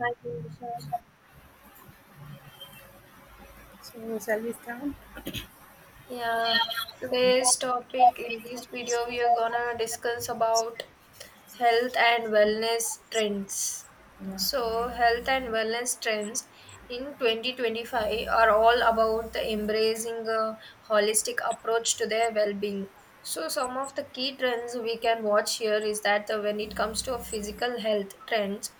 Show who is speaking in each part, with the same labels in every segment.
Speaker 1: Hi, Vishal.
Speaker 2: So shall we start?
Speaker 1: Yeah, today's topic in this video we are gonna discuss about health and wellness trends.
Speaker 2: Yeah.
Speaker 1: So, health and wellness trends in 2025 are all about the embracing a holistic approach to their well-being. So, some of the key trends we can watch here is that when it comes to physical health trends,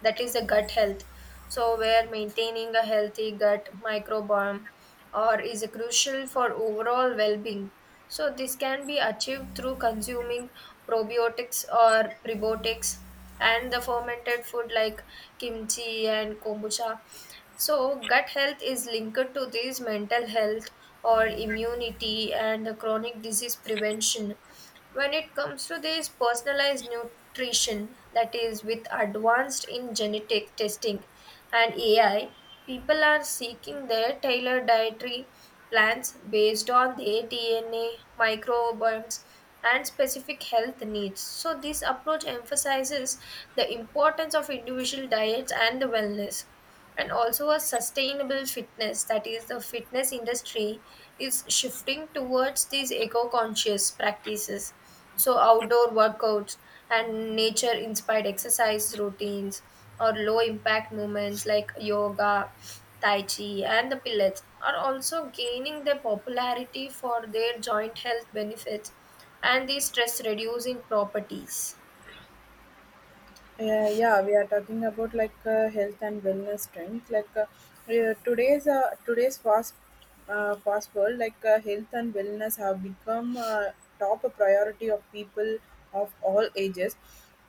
Speaker 1: that is the gut health. So, we're maintaining a healthy gut microbiome or is crucial for overall well-being. So this can be achieved through consuming probiotics or prebiotics and the fermented food like kimchi and kombucha. So gut health is linked to this mental health or immunity and the chronic disease prevention when it comes to this personalized nutrition that is with advanced in genetic testing and AI, people are seeking their tailored dietary plans based on their DNA, microbiomes, and specific health needs. So this approach emphasizes the importance of individual diets and the wellness, and also a sustainable fitness, that is the fitness industry is shifting towards these eco-conscious practices. So outdoor workouts and nature inspired exercise routines or low impact movements like yoga, tai chi, and the pilates are also gaining their popularity for their joint health benefits and the stress reducing properties.
Speaker 2: Yeah, we are talking about like health and wellness trends. Today's fast fast world, like health and wellness have become top priority of people of all ages.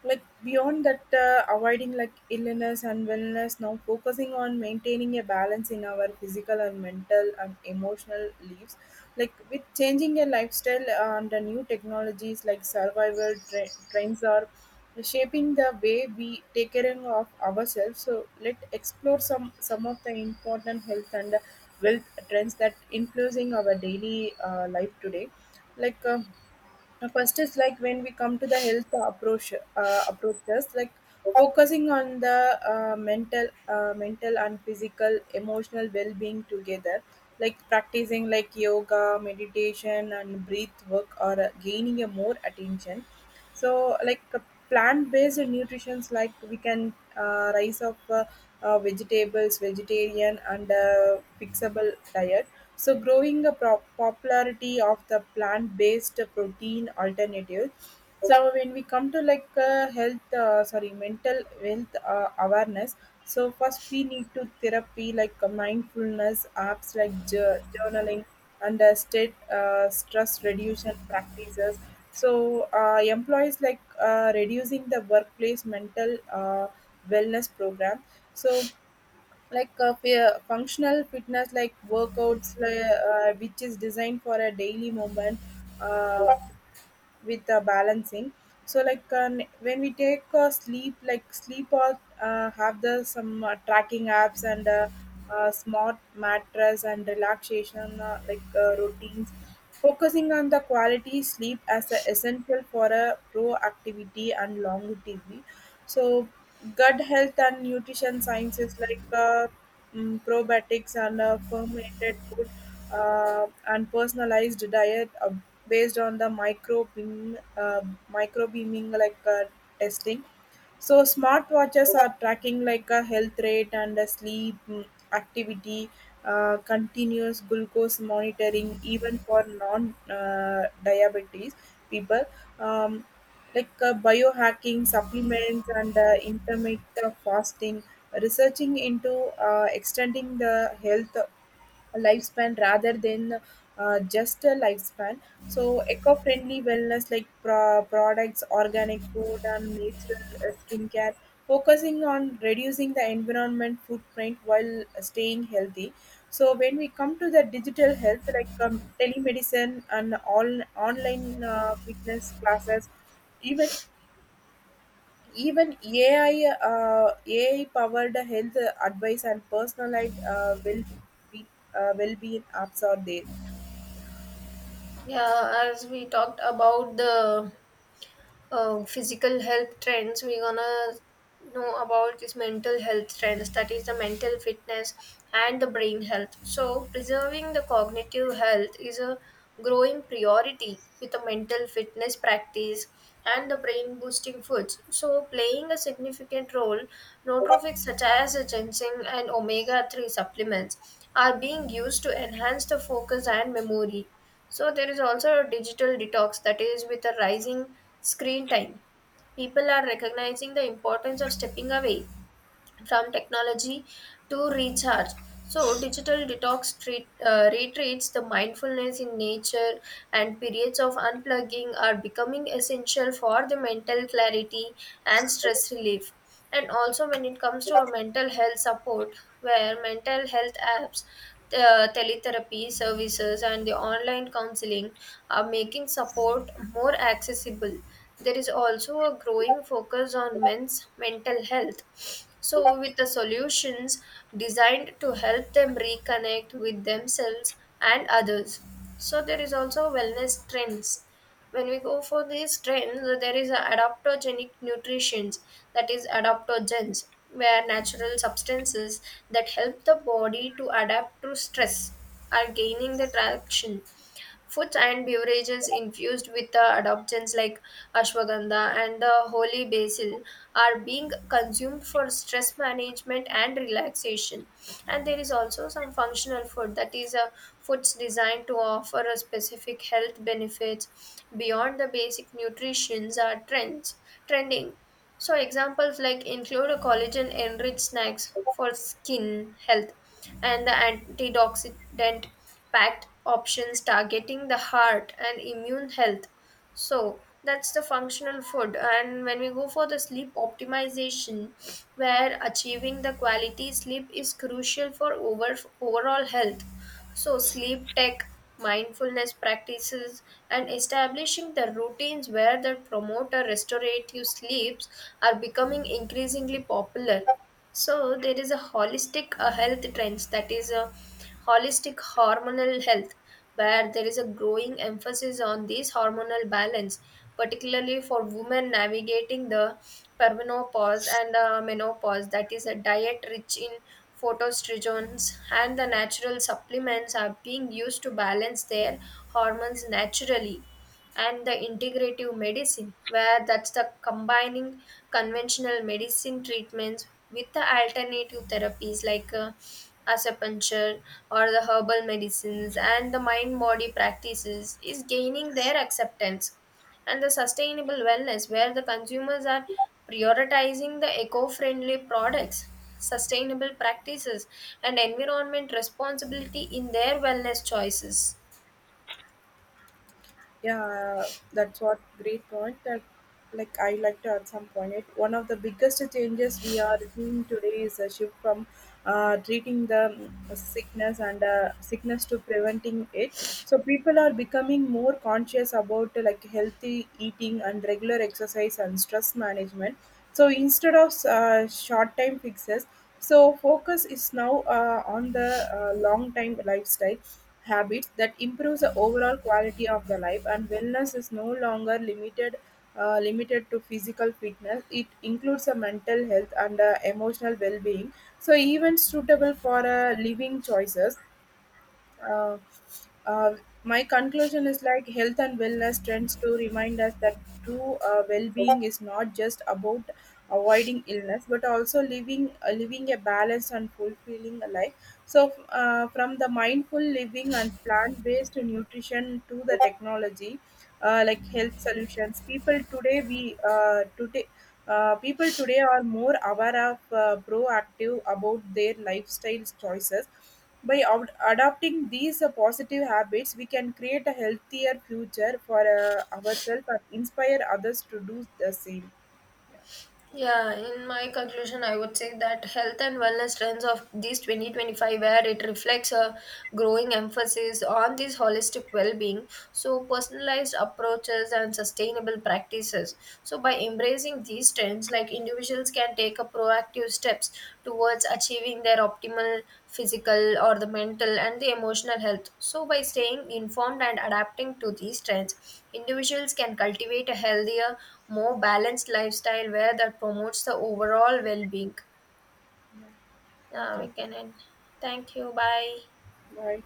Speaker 2: Like beyond that, avoiding like illness and wellness, now focusing on maintaining a balance in our physical and mental and emotional lives like with changing your lifestyle and the new technologies like trends are shaping the way we take care of ourselves. So let's explore some of the important health and wealth trends that influencing our daily life today. like um first is like when we come to the health approaches, like focusing on the mental and physical, emotional well-being together, like practicing like yoga, meditation, and breath work, or gaining a more attention. So plant-based nutritions, like we can rise of vegetables, vegetarian and fixable diet, so growing the popularity of the plant-based protein alternative. So, when we come to like mental health awareness. So, first we need to therapy like mindfulness apps like journaling and state stress reduction practices. So, employees like reducing the workplace mental wellness program. So, functional fitness like workouts which is designed for a daily movement uh, with the balancing. So when we take sleep, like sleep all have the some tracking apps and smart mattress and relaxation routines, focusing on the quality sleep as a essential for a proactivity and longevity. So gut health and nutrition sciences, like probiotics and fermented food, and personalized diet based on the micro beaming like testing. So smartwatches are tracking like a health rate and a sleep activity, continuous glucose monitoring even for non diabetes people. Um, biohacking supplements and intermittent fasting, researching into extending the health lifespan rather than just a lifespan. So, eco friendly wellness like products, organic food, and natural skincare, focusing on reducing the environment footprint while staying healthy. So, when we come to the digital health, like telemedicine and all online fitness classes, even even AI, uh, AI powered health advice and personalized will be well being apps are there.
Speaker 1: Yeah, as we talked about the physical health trends, we're gonna know about this mental health trends, that is the mental fitness and the brain health. So preserving the cognitive health is a growing priority, with a mental fitness practice and the brain boosting foods so playing a significant role. Nootropics such as ginseng and omega 3 supplements are being used to enhance the focus and memory. So there is also a digital detox, that is with a rising screen time. People are recognizing the importance of stepping away from technology to recharge. So digital detox retreats, the mindfulness in nature, and periods of unplugging are becoming essential for the mental clarity and stress relief. And also when it comes to a mental health support, where mental health apps, teletherapy services, and the online counseling are making support more accessible. There is also a growing focus on men's mental health, so with the solutions designed to help them reconnect with themselves and others. So there is also wellness trends. When we go for these trends, there is a adaptogenic nutrition, that is adaptogens, where natural substances that help the body to adapt to stress are gaining the traction. Foods and beverages infused with the adaptogens like ashwagandha, and the holy basil are being consumed for stress management and relaxation. And there is also some functional food, that is a foods designed to offer a specific health benefits beyond the basic nutritions are trends trending. So examples like include a collagen enriched snacks for skin health and the antioxidant packed options targeting the heart and immune health. So that's the functional food. And when we go for the sleep optimization, where achieving the quality sleep is crucial for overall health. So, sleep tech, mindfulness practices, and establishing the routines where the promoter restorative sleeps are becoming increasingly popular. So there is a holistic health trends, that is a holistic hormonal health, where there is a growing emphasis on this hormonal balance, particularly for women navigating the perimenopause and menopause. That is a diet rich in phytoestrogens, and the natural supplements are being used to balance their hormones naturally. And the integrative medicine, where that's the combining conventional medicine treatments with the alternative therapies like acupuncture or the herbal medicines and the mind body practices is gaining their acceptance. And the sustainable wellness, where the consumers are prioritizing the eco-friendly products, sustainable practices, and environment responsibility in their wellness choices.
Speaker 2: Yeah, that's what great point that like I like to add some point. It one of the biggest changes we are seeing today is a shift from treating the sickness to preventing it. So people are becoming more conscious about like healthy eating and regular exercise and stress management. So instead of short time fixes, so focus is now on the long time lifestyle habits that improves the overall quality of the life. And wellness is no longer limited to physical fitness, it includes a mental health and emotional well-being, so even suitable for living choices. uh, uh, my conclusion is like health and wellness trends to remind us that true well-being is not just about avoiding illness but also living a balanced and fulfilling life. So, from the mindful living and plant based nutrition to the technology, like health solutions, people today are more aware of proactive about their lifestyle choices. By adopting these positive habits, we can create a healthier future for ourselves and inspire others to do the same.
Speaker 1: Yeah, in my conclusion, I would say that health and wellness trends of these 2025, where it reflects a growing emphasis on this holistic well-being, so personalized approaches and sustainable practices. So by embracing these trends, like individuals can take a proactive steps towards achieving their optimal physical or the mental and the emotional health. So by staying informed and adapting to these trends, individuals can cultivate a healthier, more balanced lifestyle where that promotes the overall well-being.
Speaker 2: Thank
Speaker 1: We
Speaker 2: you.
Speaker 1: can end. Thank you. Bye.
Speaker 2: Bye.